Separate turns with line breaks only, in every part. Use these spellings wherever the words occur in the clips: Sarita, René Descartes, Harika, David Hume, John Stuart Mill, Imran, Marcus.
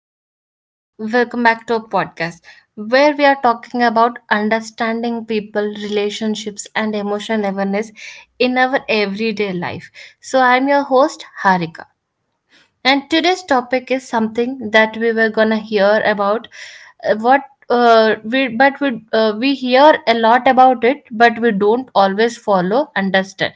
everyone. Welcome back to our podcast where we are talking about understanding people, relationships, and emotional awareness in our everyday life. So, I'm your host, Harika. And today's topic is something that we were gonna hear about. What we but we hear a lot about it, but we don't always follow understand.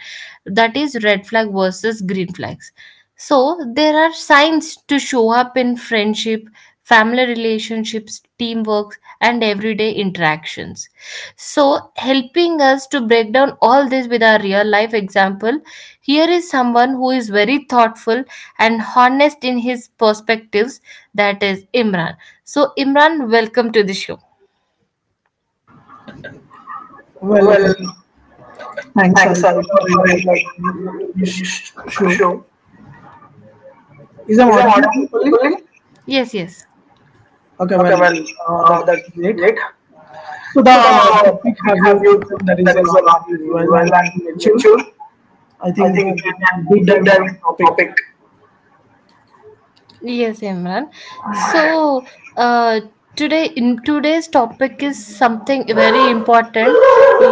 That is red flag versus green flags. So there are signs to show up in friendship, family relationships, teamwork, and everyday interactions. So helping us to break down all this with our real life example, here is someone who is very thoughtful and honest in his perspectives. That is Imran. So Imran, welcome to the show.
Well,
Well,
thanks,
thanks,
Alka,
Sarita,
for
for
inviting
inviting
me
me
to
to
this
this
show.
show.
Is I'm
Is I'm
audible
audible
properly?
properly? Yes, yes.
Okay, well,
Okay, well,
that's
that's
great.
great.
So
So the
the topic
topic
have you
have you
chosen that
chosen
is
that is a lot
very well
well
and
and
mature.
mature.
I
I
think we
think we
can deep
can
dive
deep
into
dive
the
into the
topic.
topic. Yes, Imran. So uh, today, in today's topic is something very important,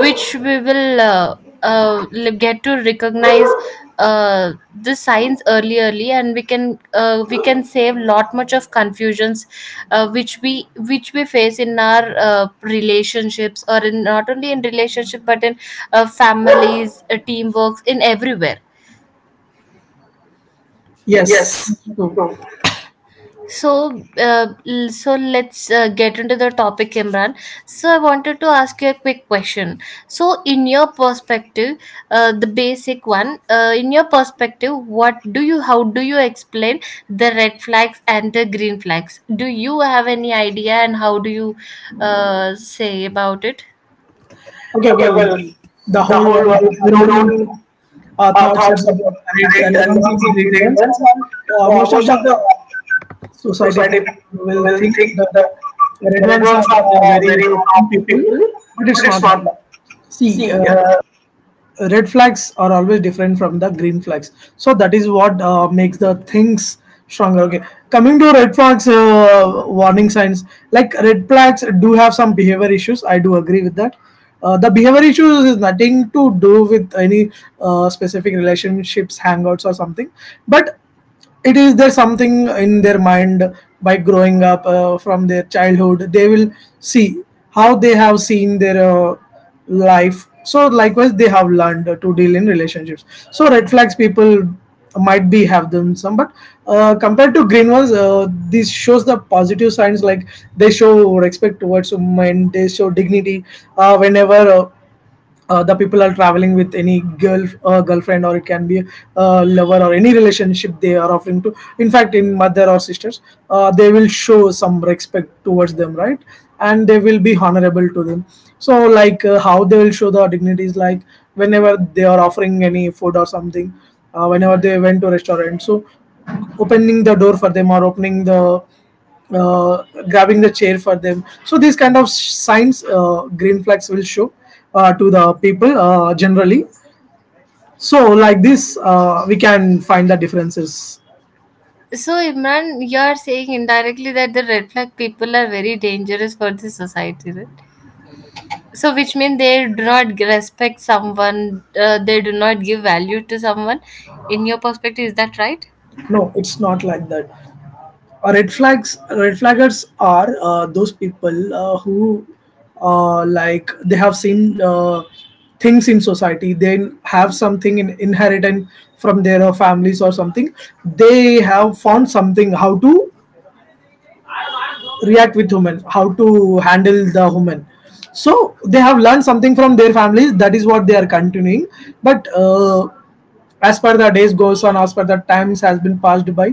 which we will get to recognize uh, the signs early, and we can save lot much of confusions, which we face in our relationships, or in not only in relationship but in families, teamworks, in everywhere.
Yes,
Yes.
that's true.
So let's get into the topic, Imran. So, I wanted to ask you a quick question. So, in your perspective, the basic one, in your perspective, how do you explain the red flags and the green flags? Do you have any idea, and how do you say about it?
Okay,
Okay,
well,
well,
the
the
whole
whole
world
world
have
has
their
their
own
own
thoughts
thoughts
about
about
right
right
and
and
wrongs
wrongs
and
of
green
green
ones,
ones,
and
and
most of
most
the
of the
society
society
will
will
think
think
that
that
red
the red
ones are
ones are
very
very
harmful
happy
people,
people,
but it's
but it's
not like
not that.
that. See,
See,
red flags are always different from the green flags. So that is what makes the things stronger. Okay, coming to red flags, warning signs like red flags do have some behavior issues. I do agree with that. The behavior issues is nothing to do with any specific relationships, hangouts, or something, but it is there something in their mind. By growing up from their childhood, they will see how they have seen their life, so likewise they have learned to deal in relationships. So red flags people might be have them some, but compared to green ones, this shows the positive signs. Like, they show respect towards women, they show dignity. Whenever the people are traveling with any girl, girlfriend, or it can be a lover or any relationship, they are offering to, in fact, in mother or sisters, they will show some respect towards them, right? And they will be honorable to them. So like, how they will show the dignities, like whenever they are offering any food or something, whenever they went to restaurant, so opening the door for them, or opening the uh, grabbing the chair for them. So these kind of signs, green flags will show to the people, generally. So like this, we can find the differences.
So, Imran, you are saying indirectly that the red flag people are very dangerous for the society, right? So, which means they do not respect someone, they do not give value to someone. In your perspective, is that right?
No, it's not like that. Red flags, red flaggers are those people who, like, they have seen things in society. They have something in inherited from their families or something. They have found something how to react with women, how to handle the women. So they have learned something from their families. That is what they are continuing, but as per the days goes on, as per the times has been passed by,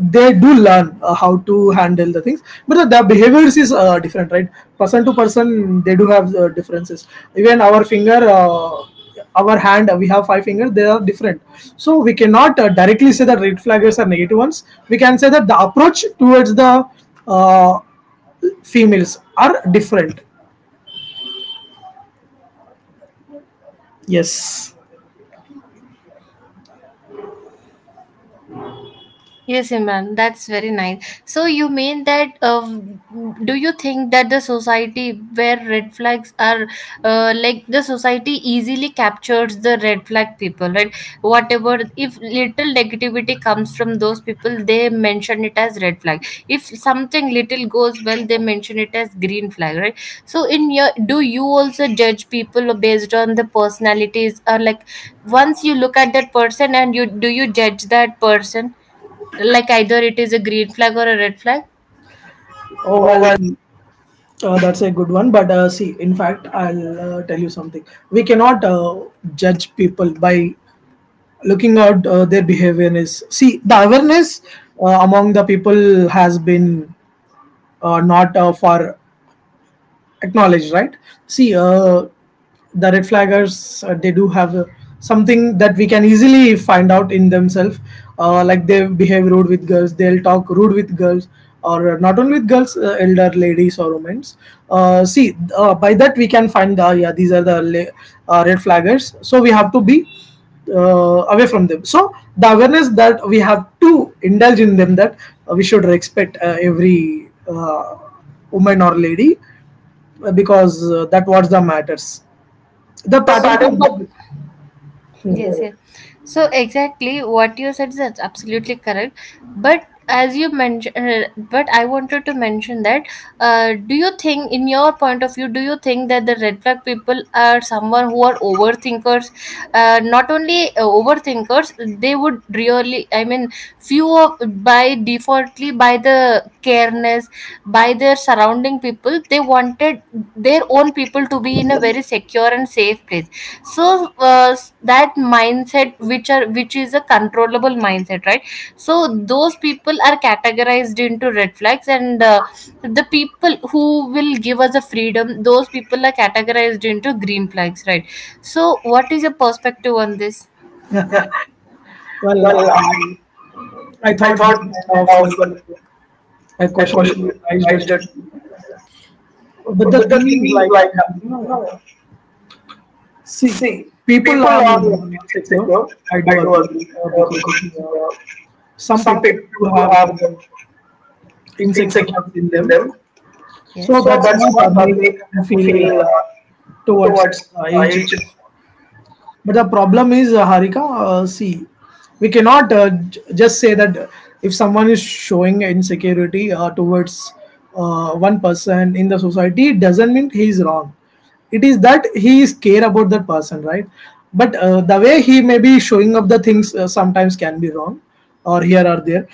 they do learn how to handle the things. But the behaviors is different, right? Person to person, they do have differences. Even our finger, our hand, we have 5 fingers, they are different. So we cannot directly say that red flaggers are negative ones. We can say that the approach towards the uh, females are different. Yes.
Yes, Imran, that's very nice. So you mean that? Do you think that the society where red flags are, like the society easily captures the red flag people, right? Whatever, if little negativity comes from those people, they mention it as red flag. If something little goes well, they mention it as green flag, right? So in your, do you also judge people based on the personalities or like once you look at that person and you do you judge that person, like either it is a green flag or a red flag?
Oh,
Oh
well,
well,
that's a good one. But see, in fact, I'll tell you something. We cannot judge people by looking out their behavior. Is, see, the awareness among the people has been not far acknowledged, right? See, the red flaggers, they do have something that we can easily find out in themselves. Like, they behave rude with girls, they'll talk rude with girls, or not only with girls, elder ladies or women. See, by that we can find, yeah, these are the red flaggers, so we have to be away from them. So the awareness that we have to indulge in them, that we should respect every woman or lady, because that was the matters. The patterns are
Pattern
different.
so, for yes yes so exactly what you said is that's absolutely correct, but as you mentioned but I wanted to mention that do you think in your point of view do you think that the red flag people are someone who are overthinkers, not only overthinkers, they would really I mean few of, by defaultly by the careness, by their surrounding people, they wanted their own people to be in a very secure and safe place. So uh, that mindset which are which is a controllable mindset, right? So those people are categorized into red flags, and the people who will give us a freedom, those people are categorized into green flags, right? So what is your perspective on this?
Yeah. Well,
Well,
I, I
I
thought this
thought this
kind of
kind of well,
a
a
question will
question will
arise, that,
raised that.
but the
But the
thing
thing
is,
is,
like,
like,
you
you
know,
know,
see,
see,
people
people
are
are
insecure.
insecure.
I
I
do
do
agree,
agree uh,
because
because uh,
some
some
people
people
do
do
have the
have
insecurities
insecurity
in
in
them,
them.
so
Yes. So
that's
that's
what
what
makes
makes
them
them
feel
feel
towards
towards
each other.
each
But the problem is, Harika, see, we cannot just say that if someone is showing insecurity towards one person in the society, it doesn't mean he is wrong. It is that he is care about that person, right? But the way he may be showing up the things sometimes can be wrong, or here or there.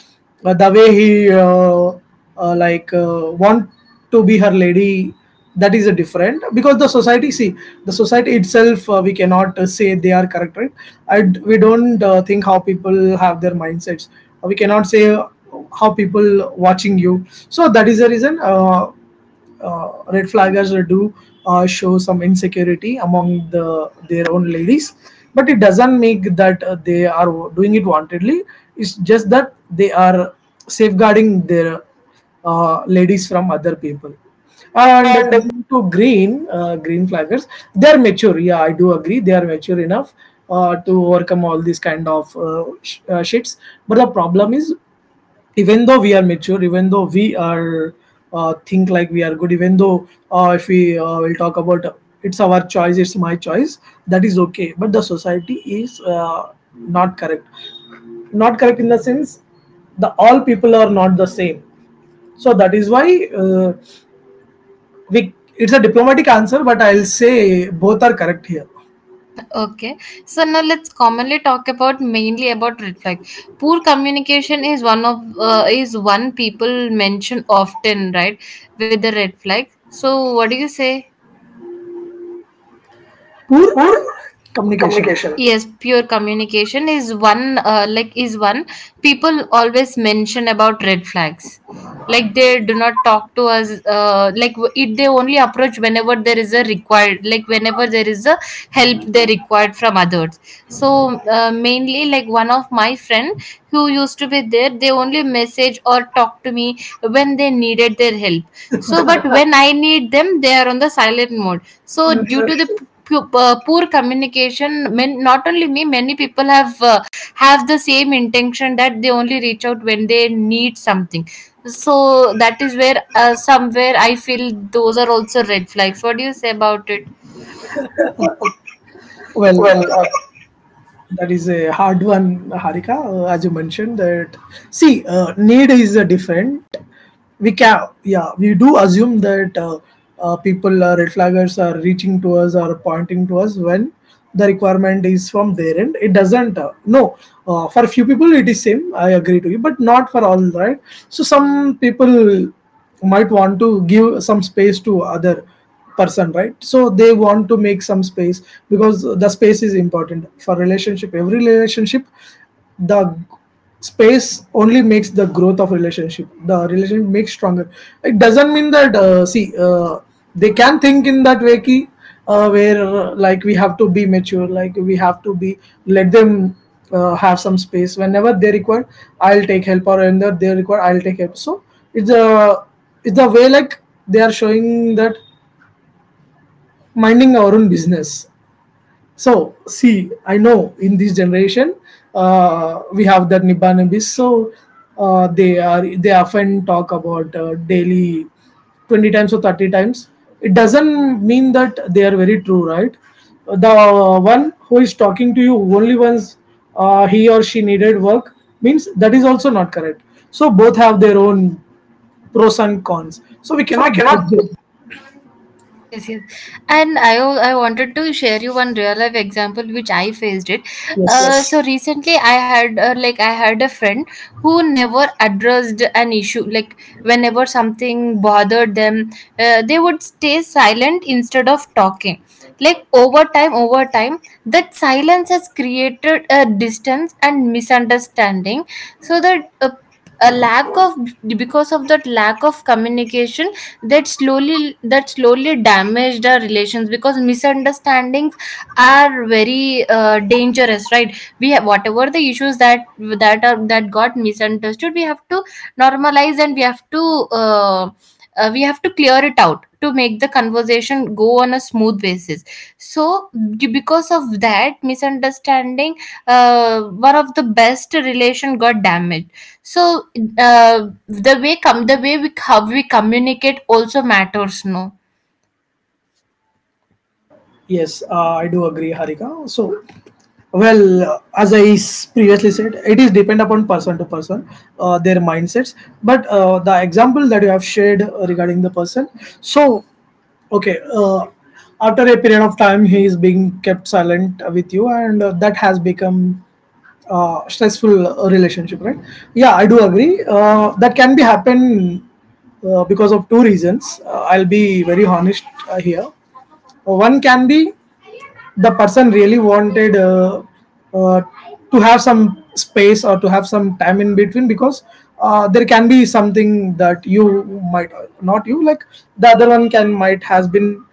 But the way he like want to be her lady, that is a different, because the society, see, the society itself, we cannot say they are correct, right? I d we don't think how people have their mindsets. We cannot say how people watching you. So that is the reason uh, red flaggers do show some insecurity among the their own ladies, but it doesn't make that they are doing it wantedly. It's just that they are safeguarding their ladies from other people. And
other. And
coming to green, green flaggers, they're mature. Yeah, I do agree. They are mature enough to overcome all these kind of shits. But the problem is, even though we are mature, even though we are think like we are good, even though if we will talk about, it's our choice, it's my choice, that is okay. But the society is not correct. Not correct in the sense the all people are not the same. So that is why we it's a diplomatic answer, but I'll say both are correct here.
Okay. So now let's commonly talk about mainly about red flag. Poor communication is one of is one people mention often, right? With the red flag. So what do you say?
Poor
Or
communication.
communication, yes, pure communication is one, like is one people always mention about red flags. Like they do not talk to us, like w- it they only approach whenever there is a required, like whenever there is a help they required from others. So mainly like one of my friend who used to be there, they only message or talk to me when they needed their help. So but when I need them they are on the silent mode. So due to the poor communication men, not only me, many people have the same intention that they only reach out when they need something. So that is where somewhere I feel those are also red flags. What do you say about it?
Well,
Well,
that is a hard one, Harika. As you mentioned, that, see, need is different. We can, yeah, we do assume that people, red flaggers, are reaching to us or pointing to us when the requirement is from their end. It doesn't. No, for few people it is same. I agree to you, but not for all, right? So some people might want to give some space to other person, right? So they want to make some space, because the space is important for relationship, every relationship. The space only makes the growth of relationship, the relationship makes stronger. It doesn't mean that, see, they can think in that way key, where, like, we have to be mature, like we have to be let them have some space. Whenever they require, I'll take help, or whenever they require, I'll take help. So it's a, it's the way like they are showing that minding our own business. So, see, I know in this generation we have that Nibbana Bis. So, they are they often talk about daily 20 times or 30 times. It doesn't mean that they are very true, right? The one who is talking to you only once, he or she needed work means, that is also not correct. So, both have their own pros and cons. So, we
so we
cannot judge
cannot
them.
Yes, yes. And I wanted to share you one real life example which I faced it.
Yes.
Yes. So recently I had, I had a friend who never addressed an issue. Like whenever something bothered them, they would stay silent instead of talking. Like over time, that silence has created a distance and misunderstanding. So that a lack of because of that lack of communication that slowly damaged our relations, because misunderstandings are very dangerous, right? We have whatever the issues that got misunderstood, we have to normalize, and uh, we have to clear it out to make the conversation go on a smooth basis. So because of that misunderstanding one of the best relation got damaged. So the way we how we communicate also matters no.
Yes, I do agree, Harika. So, well, as I previously said, it is depend upon person to person, their mindsets. But the example that you have shared regarding the person, so okay, after a period of time, he is being kept silent with you, and that has become stressful relationship, right? Yeah, I do agree. That can be happen because of 2 reasons. I'll be very honest here. One can be the person really wanted uh, to have some space or to have some time in between, because there can be something that you might not you like. The other one can might has been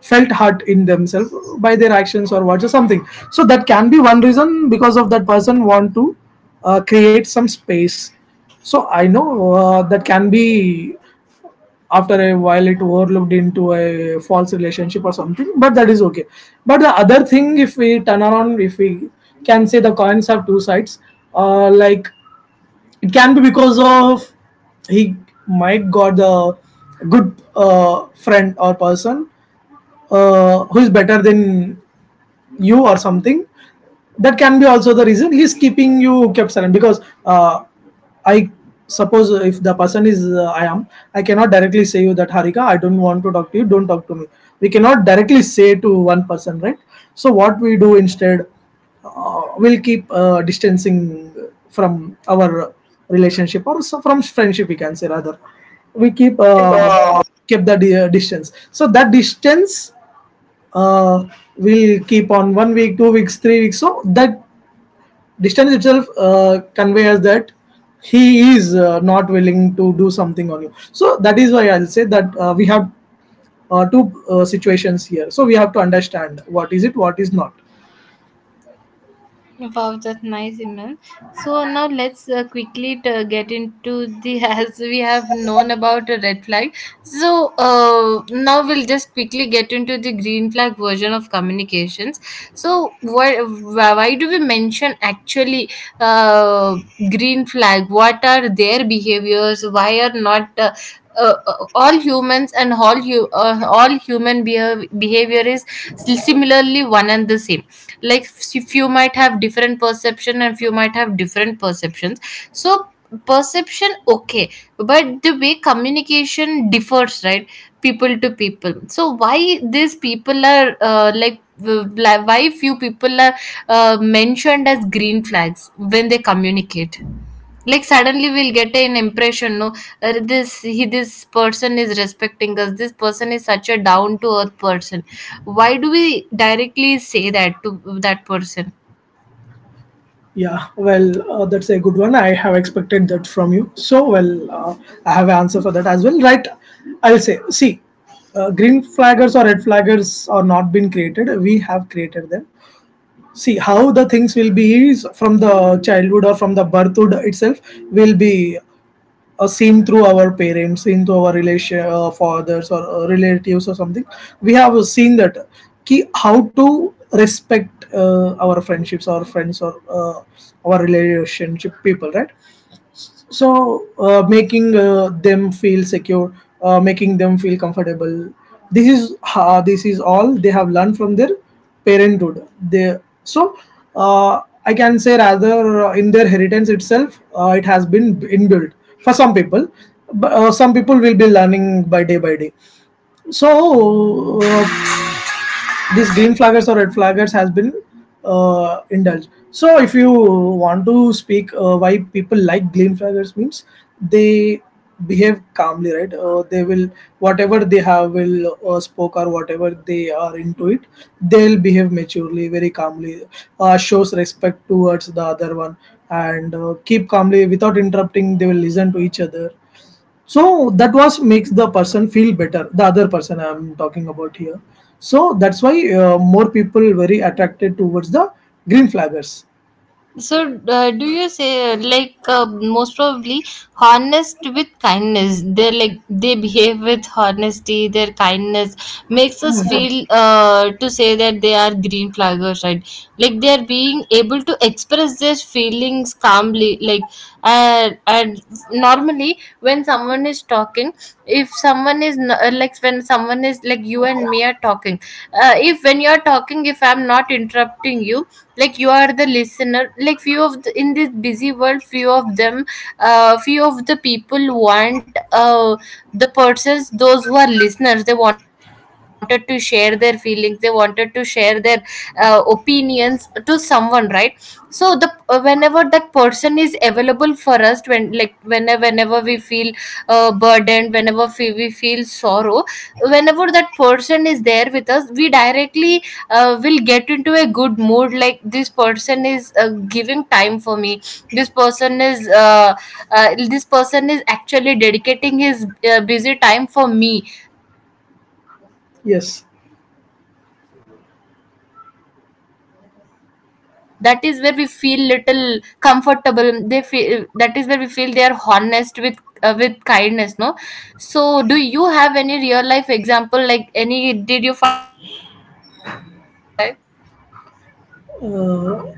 felt hurt in themselves by their actions or words or something. So that can be one reason, because of that person want to create some space. So I know that can be, after a while, it overlooked into a false relationship or something, but that is okay. But the other thing, if we turn around, if we can say the coins have 2 sides, like, it can be because of he might got the good friend or person who is better than you or something. That can be also the reason he's keeping you kept silent, because I suppose if the person is I cannot directly say you that, Harika, I don't want to talk to you, don't talk to me. We cannot directly say to one person, right? So what we do instead, we'll keep distancing from our relationship, or so, from friendship, we can say rather. We keep
I keep
the distance. So that distance uh, will keep on 1 week, 2 weeks, 3 weeks. So that distance itself conveys that he is not willing to do something on you, so that is why I'll say that we have two situations here, so we have to understand what is it, what is not.
Wow, that's nice, Imran. So now let's quickly get into the as we have known about a red flag. So now we'll just quickly get into the green flag version of communications. So why why do we mention actually uh, green flag? What are their behaviors? Why are not all humans and all human behavior is similarly one and the same, like few might have different perception and few might have different perceptions. So perception okay, but the way communication differs, right, people to people. So why these people are, like, why few people are mentioned as green flags when they communicate? Like suddenly we'll get an impression no, this person is respecting us, this person is such a down to earth person. Why do we directly say that to that person?
Yeah, well, that's a good one. I have expected that from you, so well, I have an answer for that as well, right? I'll say, see, green flaggers or red flaggers are not been created, we have created them. See how the things will be is from the childhood or from the birthhood itself, will be seen through our parents, seen through our relation, fathers or relatives or something. We have seen that ki how to respect our friendships, our friends, or our relationship people, right? So making them feel secure, making them feel comfortable, this is all they have learned from their parenthood, they. So I can say, rather, in their inheritance itself it has been inbuilt for some people, but some people will be learning by day by day. So these green flaggers or red flaggers has been indulged. So if you want to speak, why people like green flaggers means they behave calmly, right? They will whatever they have will spoke, or whatever they are into it, they'll behave maturely, very calmly, shows respect towards the other one, and keep calmly without interrupting. They will listen to each other, so that was makes the person feel better. The other person I'm talking about here. So that's why more people very attracted towards the green flaggers.
So, do you say like most probably honest with kindness? They like they behave with honesty. Their kindness makes us Yeah. feel to say that they are green flaggers, right? Like they are being able to express their feelings calmly. Like and normally when someone is talking, if someone is n- like when someone is like you and me are talking, If when you are talking, if I'm not interrupting you, like you are the listener, like in this busy world few of them, few of the people want the persons those who are listeners, they wanted to share their feelings, they wanted to share their opinions to someone, right? So the whenever that person is available for us, when like whenever we feel burdened, whenever we feel sorrow, whenever that person is there with us, we directly will get into a good mood, like this person is giving time for me, this person is uh, this person is actually dedicating his busy time for me just to listen to all my
Yes.
sorrows. So that is where we that is where we feel little comfortable, they feel that is where we feel they are honest with kindness no. So do you have any real life example, like any did you find any green flags in your life?
Uh,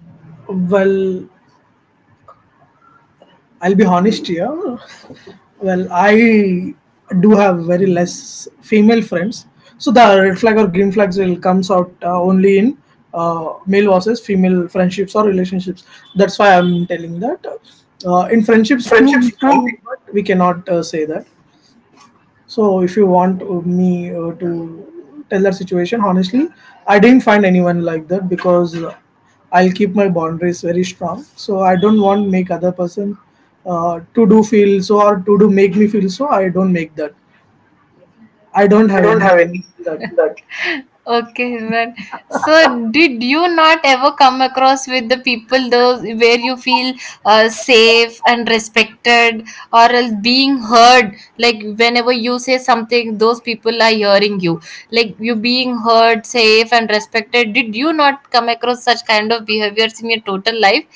well, I'll be honest here. Well, I do have very less female friends. So the red flag or green flags will comes out only in male versus female friendships or relationships. That's why I'm telling that. In
In
friendships too,
friendships
we can,
too,
but we cannot say that. So if you want me to tell that situation, honestly, I didn't find anyone like that, because I'll keep my boundaries very strong. So I don't want make other person to do feel so, or to do make me feel so. I don't make that. I don't
I
have
don't
any
have any.
that.
That Okay, well, so did you not ever come across with the people those where you feel safe and respected or else being heard? Like whenever you say something, those people are hearing you. Like you being heard, safe and respected. Did you not come across such kind of behaviors in your total life?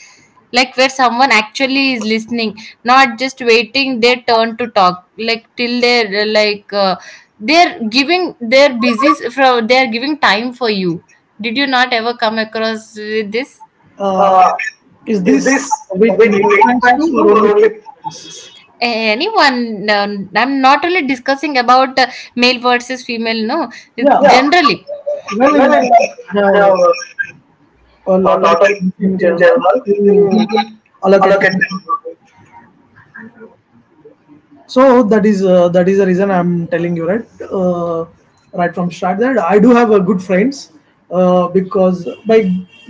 Like where someone actually is listening, not just waiting their turn to talk, like till they're like they're giving their busy from they're giving time for you? Did you not ever come across with this?
Uh,
Uh,
is
is
this
this
with
with
male
male
fans too,
friends too,
or
or
only
only?
female fans?
Anyone, uh, I'm not only discussing about male versus female no, it's
Yeah.
Yeah. generally
Well, in
Well,
my
in my,
case, I have a
or
lot of
not all
friends in
in
general
general
who
to
will allocate
allocate
time
time.
for me. So that is the reason I'm telling you, right? uh, right from start that I do have a good friends, because by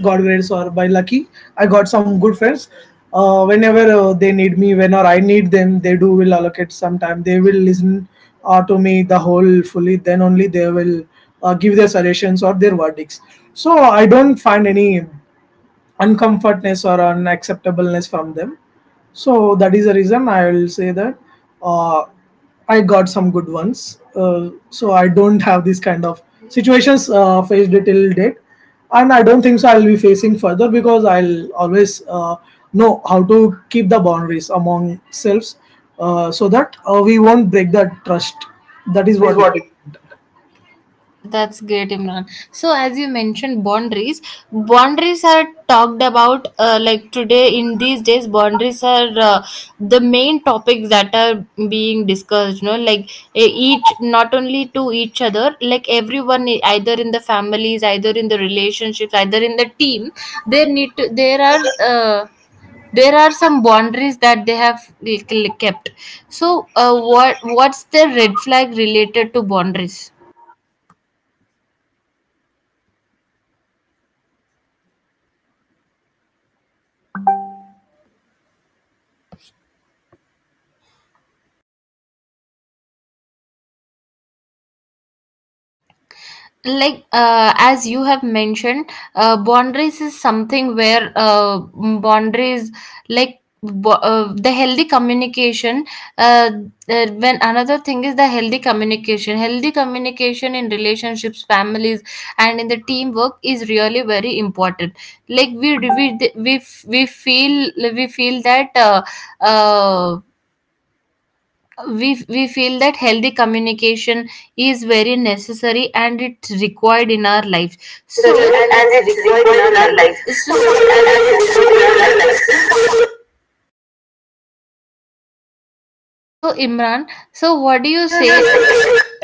god grace or by lucky I got some good friends. Whenever they need me, whenever I need them, they do will allocate some time, they will listen to me the whole fully, then only they will give their suggestions or their verdicts. So I don't find any uncomfortness or unacceptableness from them. So that is the reason I will say that, uh, I got some good ones. So I don't have this kind of situations faced till date, and I don't think so I'll be facing further, because I'll always know how to keep the boundaries among selves, so that we won't break that trust. That is
That is
what.
what it is. That's great, Imran. So, as you mentioned, boundaries. Boundaries are talked about like today in these days. Boundaries are the main topics that are being discussed. You know, like each not only to each other, like everyone, either in the families, either in the relationships, either in the team, there need to there are. Uh, there are some boundaries that they have like, kept. So, what's the red flag related to boundaries? Like as you have mentioned boundaries is something where boundaries like the healthy communication. uh, when another thing is the healthy communication, healthy communication in relationships, families and in the teamwork is really very important. Like we feel that uh, we feel that healthy communication is very necessary and it's required in our life, so necessary and it's required in our life. And it's required in our life. So, so Imran, so what do you say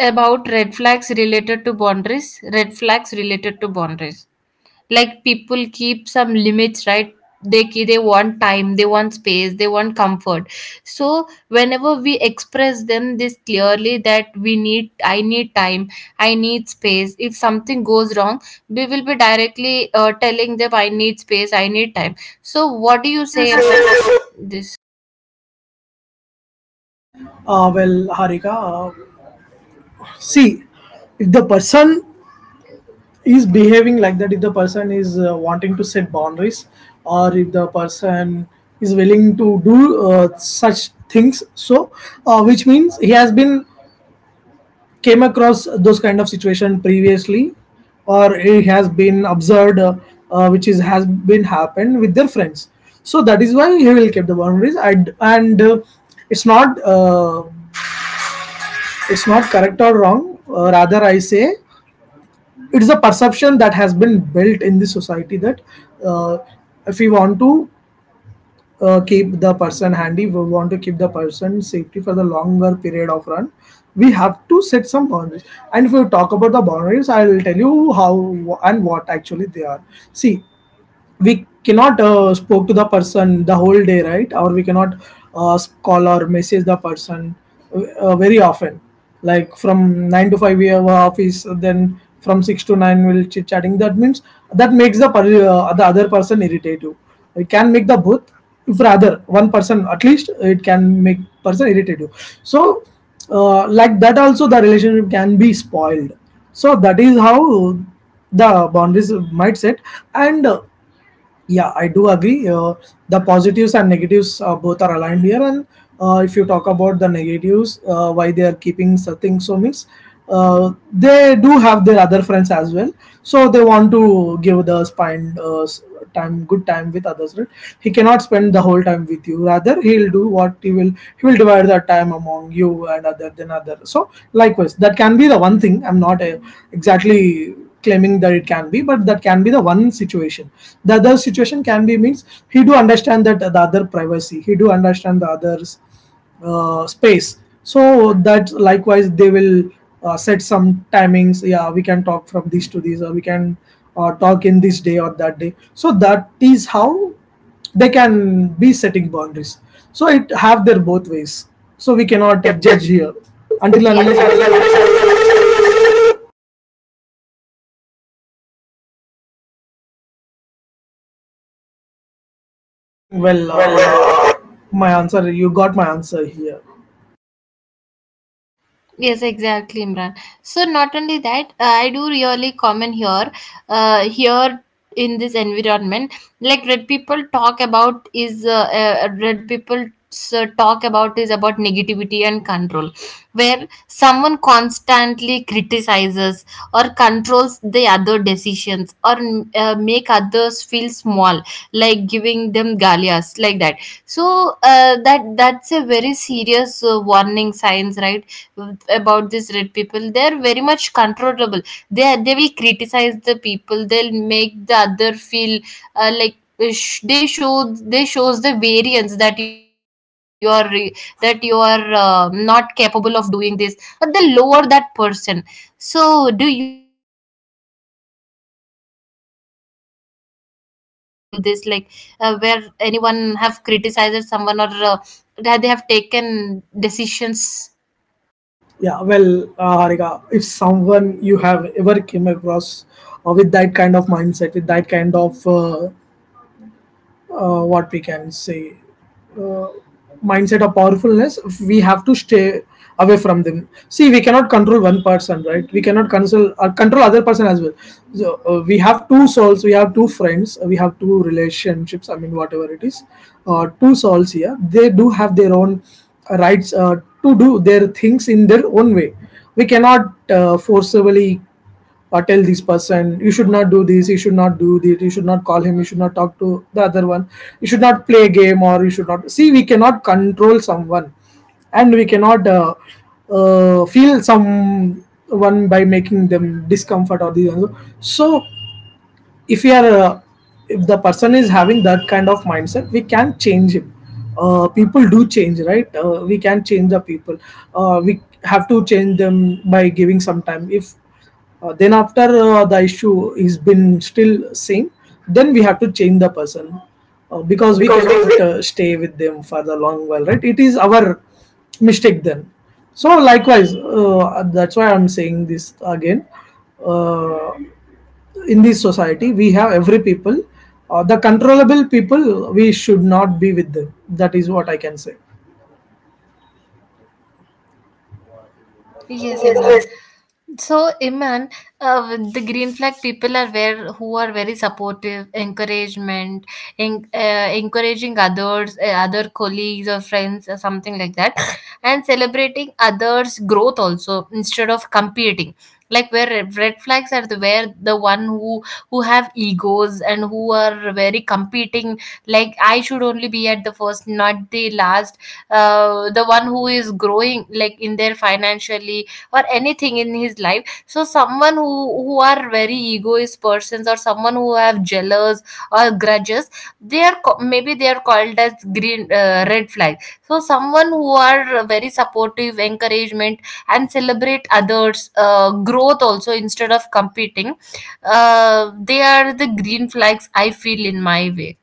about red flags related to boundaries? Red flags related to boundaries, like people keep some limits, right? They want time, they want space, they want comfort. So whenever we express them this clearly that we need, I need time, I need space, if something goes wrong, we will be directly telling them I need space, I need time. So what do you say about this? Yes, Imran. So we cannot judge here. Yes, until unless, well, yes, exactly, Imran. So not only that, I do really comment here, here in this environment, like red people talk about is red people talk about is about negativity and control, where someone constantly criticizes or controls the other decisions or make others feel small, like giving them galias like that. So that's a very serious warning signs, right, about these red people? They're very much controllable. They will criticize the people, they'll make the other feel like they show, they shows the variance that you are not capable of doing this, or they lower that person. So do you have any real life example related to this, like where anyone have criticized someone or uh, that they have taken decisions? Because we, yes, Imran. Yes. So, Imran, the green flag people are where who are very supportive, encouragement, encouraging others, other colleagues or friends or something like that, and celebrating others' growth also instead of competing. Like where red flags are the where the one who have egos and who are very competing. Like I should only be at the first, not the last. The one who is growing, like in their financially or anything in his life, so someone who are very egoist persons or someone who have jealous or grudges, they are maybe they are called as green red flag. So someone who are very supportive, encouragement and celebrate others growth also instead of competing, they are the green flags I feel in my way.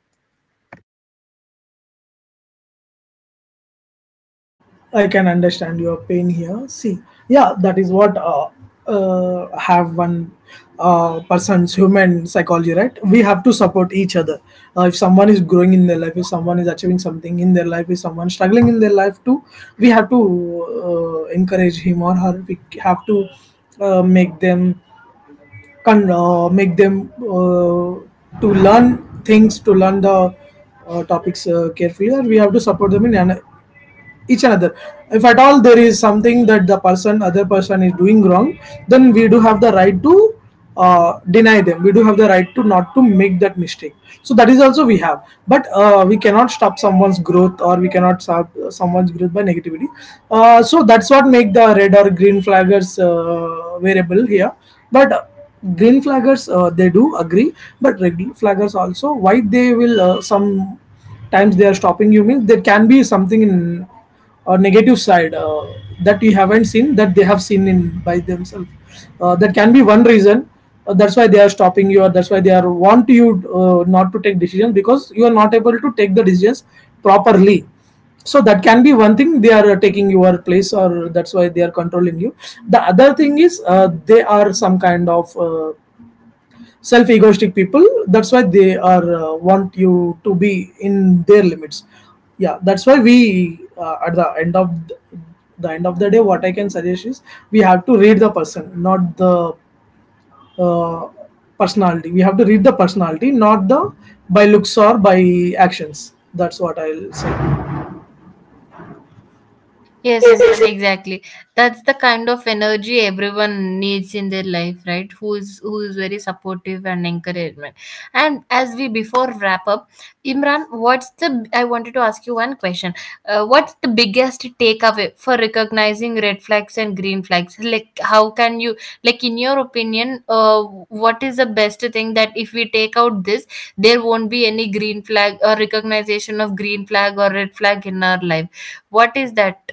Yes, yes. Imran, exactly. That's the kind of energy everyone needs in their life, right? Who is, who is very supportive and encouragement. And as we before wrap up, Imran, what's the, I wanted to ask you one question. What's the biggest takeaway for recognizing red flags and green flags? Like, how can you, like in your opinion, what is the best thing that if we take out this, there won't be any green flag or recognition of green flag or red flag in our life? What is that?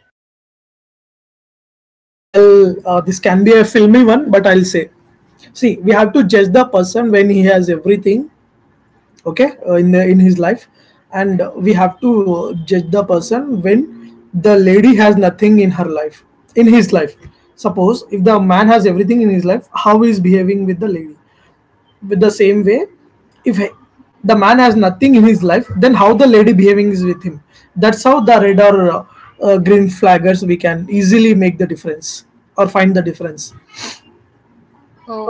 Oh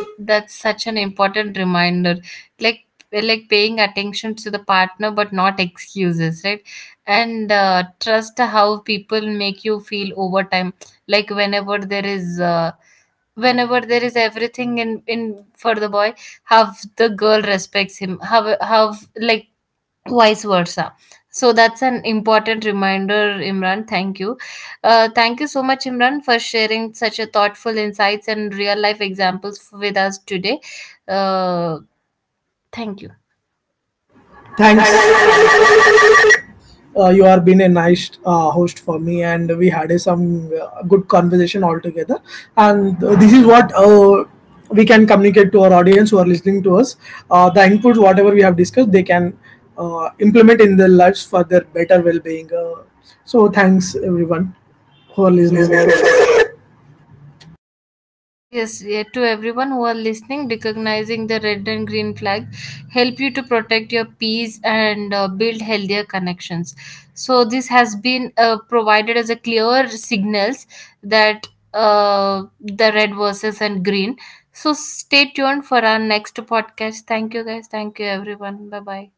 wow, that's such an important reminder. Like like paying attention to the partner, but not excuses, right? And trust how people make you feel over time. Like whenever there is. Whenever there is everything in for the boy, how the girl respects him, how, like, vice versa. So that's an important reminder, Imran. Thank you. Thank you so much, Imran, for sharing such a thoughtful insights and real life examples with us today. uh, Thank you. Thanks for listening to us. Yes, yeah, to everyone who are listening, recognizing the red and green flag help you to protect your peace and build healthier connections. So this has been provided as a clear signals that the red versus and green. So stay tuned for our next podcast. Thank you guys. Thank you everyone. Bye bye.